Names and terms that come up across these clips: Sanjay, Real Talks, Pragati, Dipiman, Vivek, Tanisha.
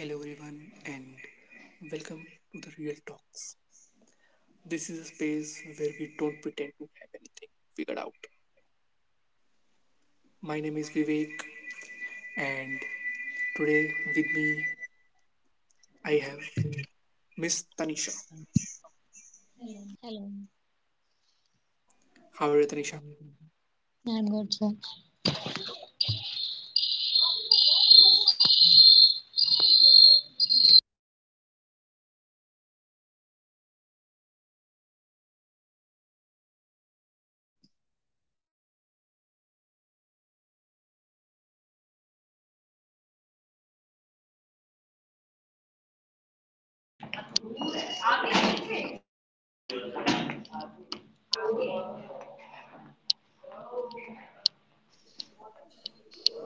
Hello, everyone, and welcome to the Real Talks. This is a space where we don't pretend to have anything figured out. My name is Vivek, and today with me I have Miss Tanisha. Hello. How are you, Tanisha? I'm good, sir.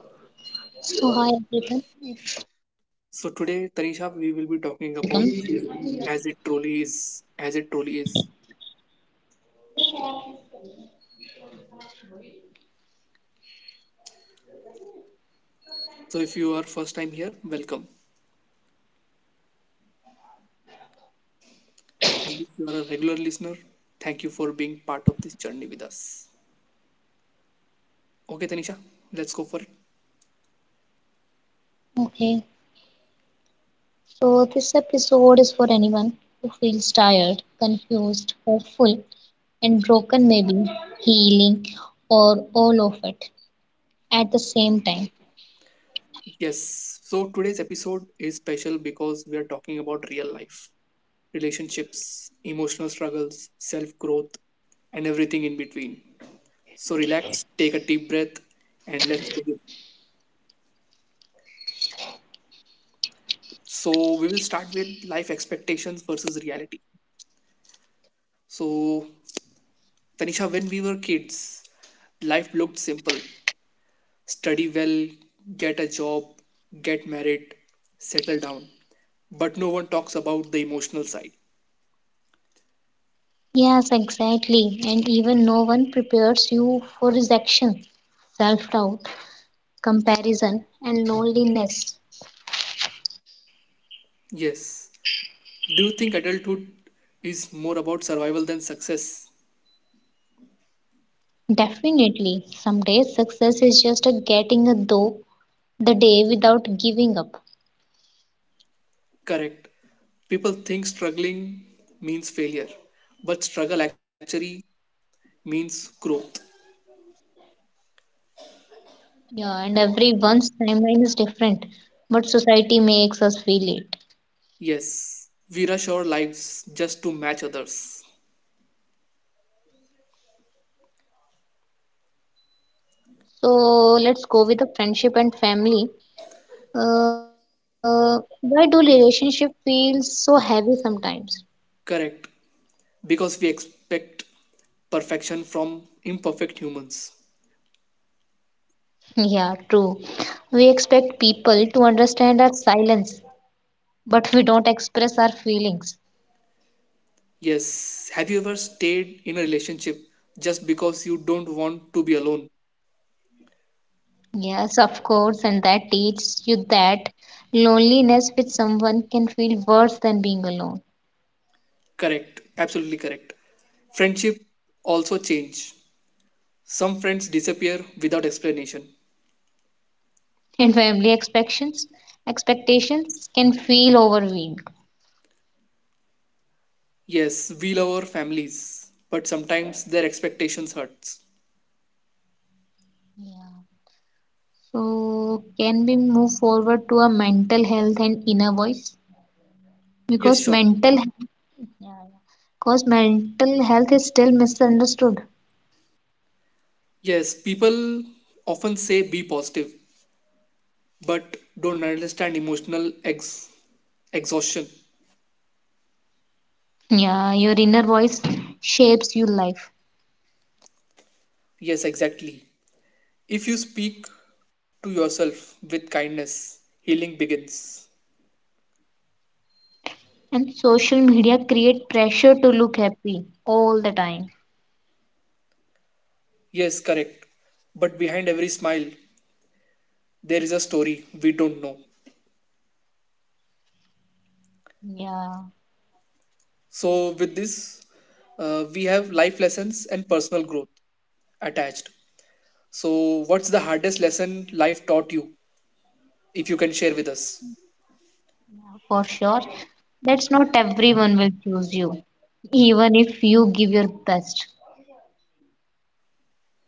So, hi everyone. If this is your first time here, So today, Tanisha, we will be talking welcome. about life as it truly is. As it truly is. So if you are first time here, welcome, and if you are a regular listener, thank you for being part of this journey with us. Okay, Tanisha, let's go for it. Okay, so this episode is for anyone who feels tired, confused, hopeful, and broken, maybe healing or all of it at the same time. Yes, so today's episode is special because we are talking about real life, relationships, emotional struggles, self growth, and everything in between. So, relax, take a deep breath, and let's begin. So, we will start with life expectations versus reality. So, Tanisha, when we were kids, life looked simple, study well, get a job, get married, settle down. But no one talks about the emotional side. Yes, exactly. And even no one prepares you for rejection, self doubt, comparison, and loneliness. Yes. Do you think adulthood is more about survival than success? Definitely. Some days success is just a getting a though the day without giving up. Correct. People think struggling means failure, but struggle actually means growth. Yeah, and everyone's timeline is different, but society makes us feel it. Yes, we rush our lives just to match others. So let's go with the friendship and family. Why do relationship feel so heavy sometimes? Correct. Because we expect perfection from imperfect humans. Yeah, true. We expect people to understand our silence, but we don't express our feelings. Yes, have you ever stayed in a relationship just because you don't want to be alone? Yes, of course, and that teaches you that loneliness with someone can feel worse than being alone. Correct. Absolutely correct. Friendship also change. Some friends disappear without explanation. And family expectations can feel overwhelming. Yes, we love our families, but sometimes their expectations hurts. So, can we move forward to a mental health and inner voice? Yes, Because sure. mental because mental health is still misunderstood. Yes, people often say be positive, but don't understand exhaustion. Yeah, your inner voice shapes your life. Yes, exactly. If you speak to yourself with kindness, healing begins. And social media create pressure to look happy all the time. Yes, correct. But behind every smile, there is a story we don't know. Yeah. So, with this, we have life lessons and personal growth attached. So, what's the hardest lesson life taught you, if you can share with us? For sure. That's not everyone will choose you, even if you give your best.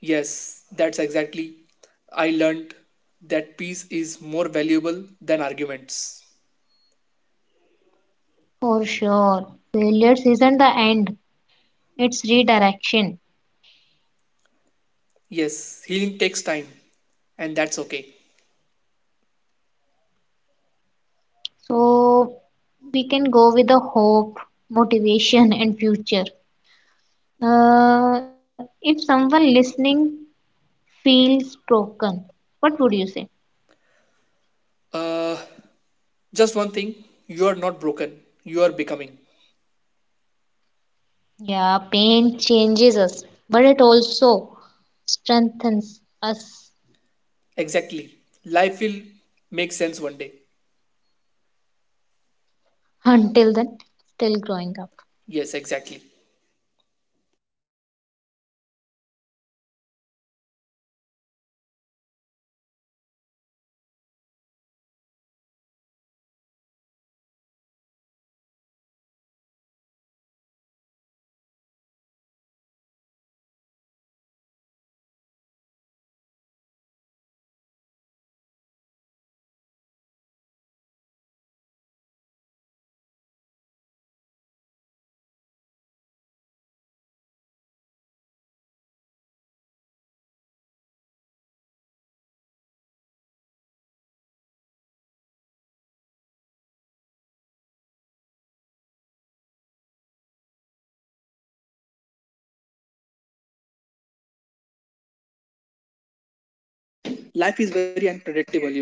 Yes, that's exactly. I learned that peace is more valuable than arguments. For sure. Failures isn't the end, it's redirection. Yes, healing takes time, and that's okay. So we can go with the hope, motivation, and future. If someone listening feels broken, what would you say? Uh, just one thing, you are not broken, you are becoming. Yeah, pain changes us, but it also strengthens us. Exactly. Life will make sense one day. Until then, still growing up. Yes, exactly. Life is very unpredictable, you know.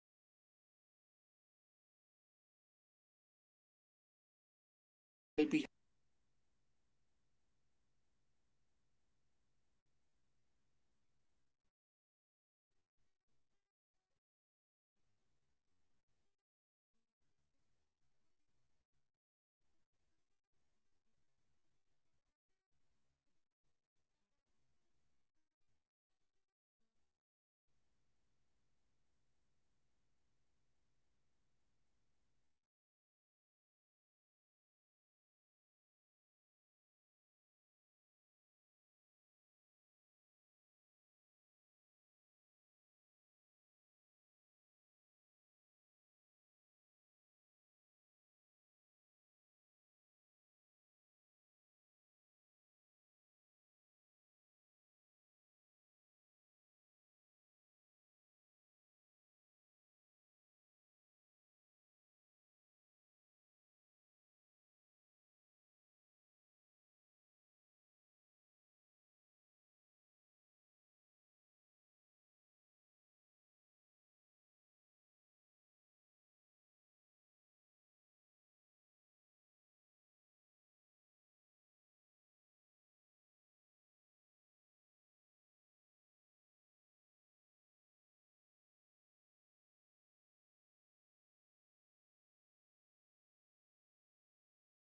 From childhood dreams to adult responsibilities, from I'll be happy when to is this really it? Life has funny ways to surprising us, sometimes in a good way and sometimes not so much. With this discussion, we are breaking down the myths we grew up believing and the realities we eventually faced.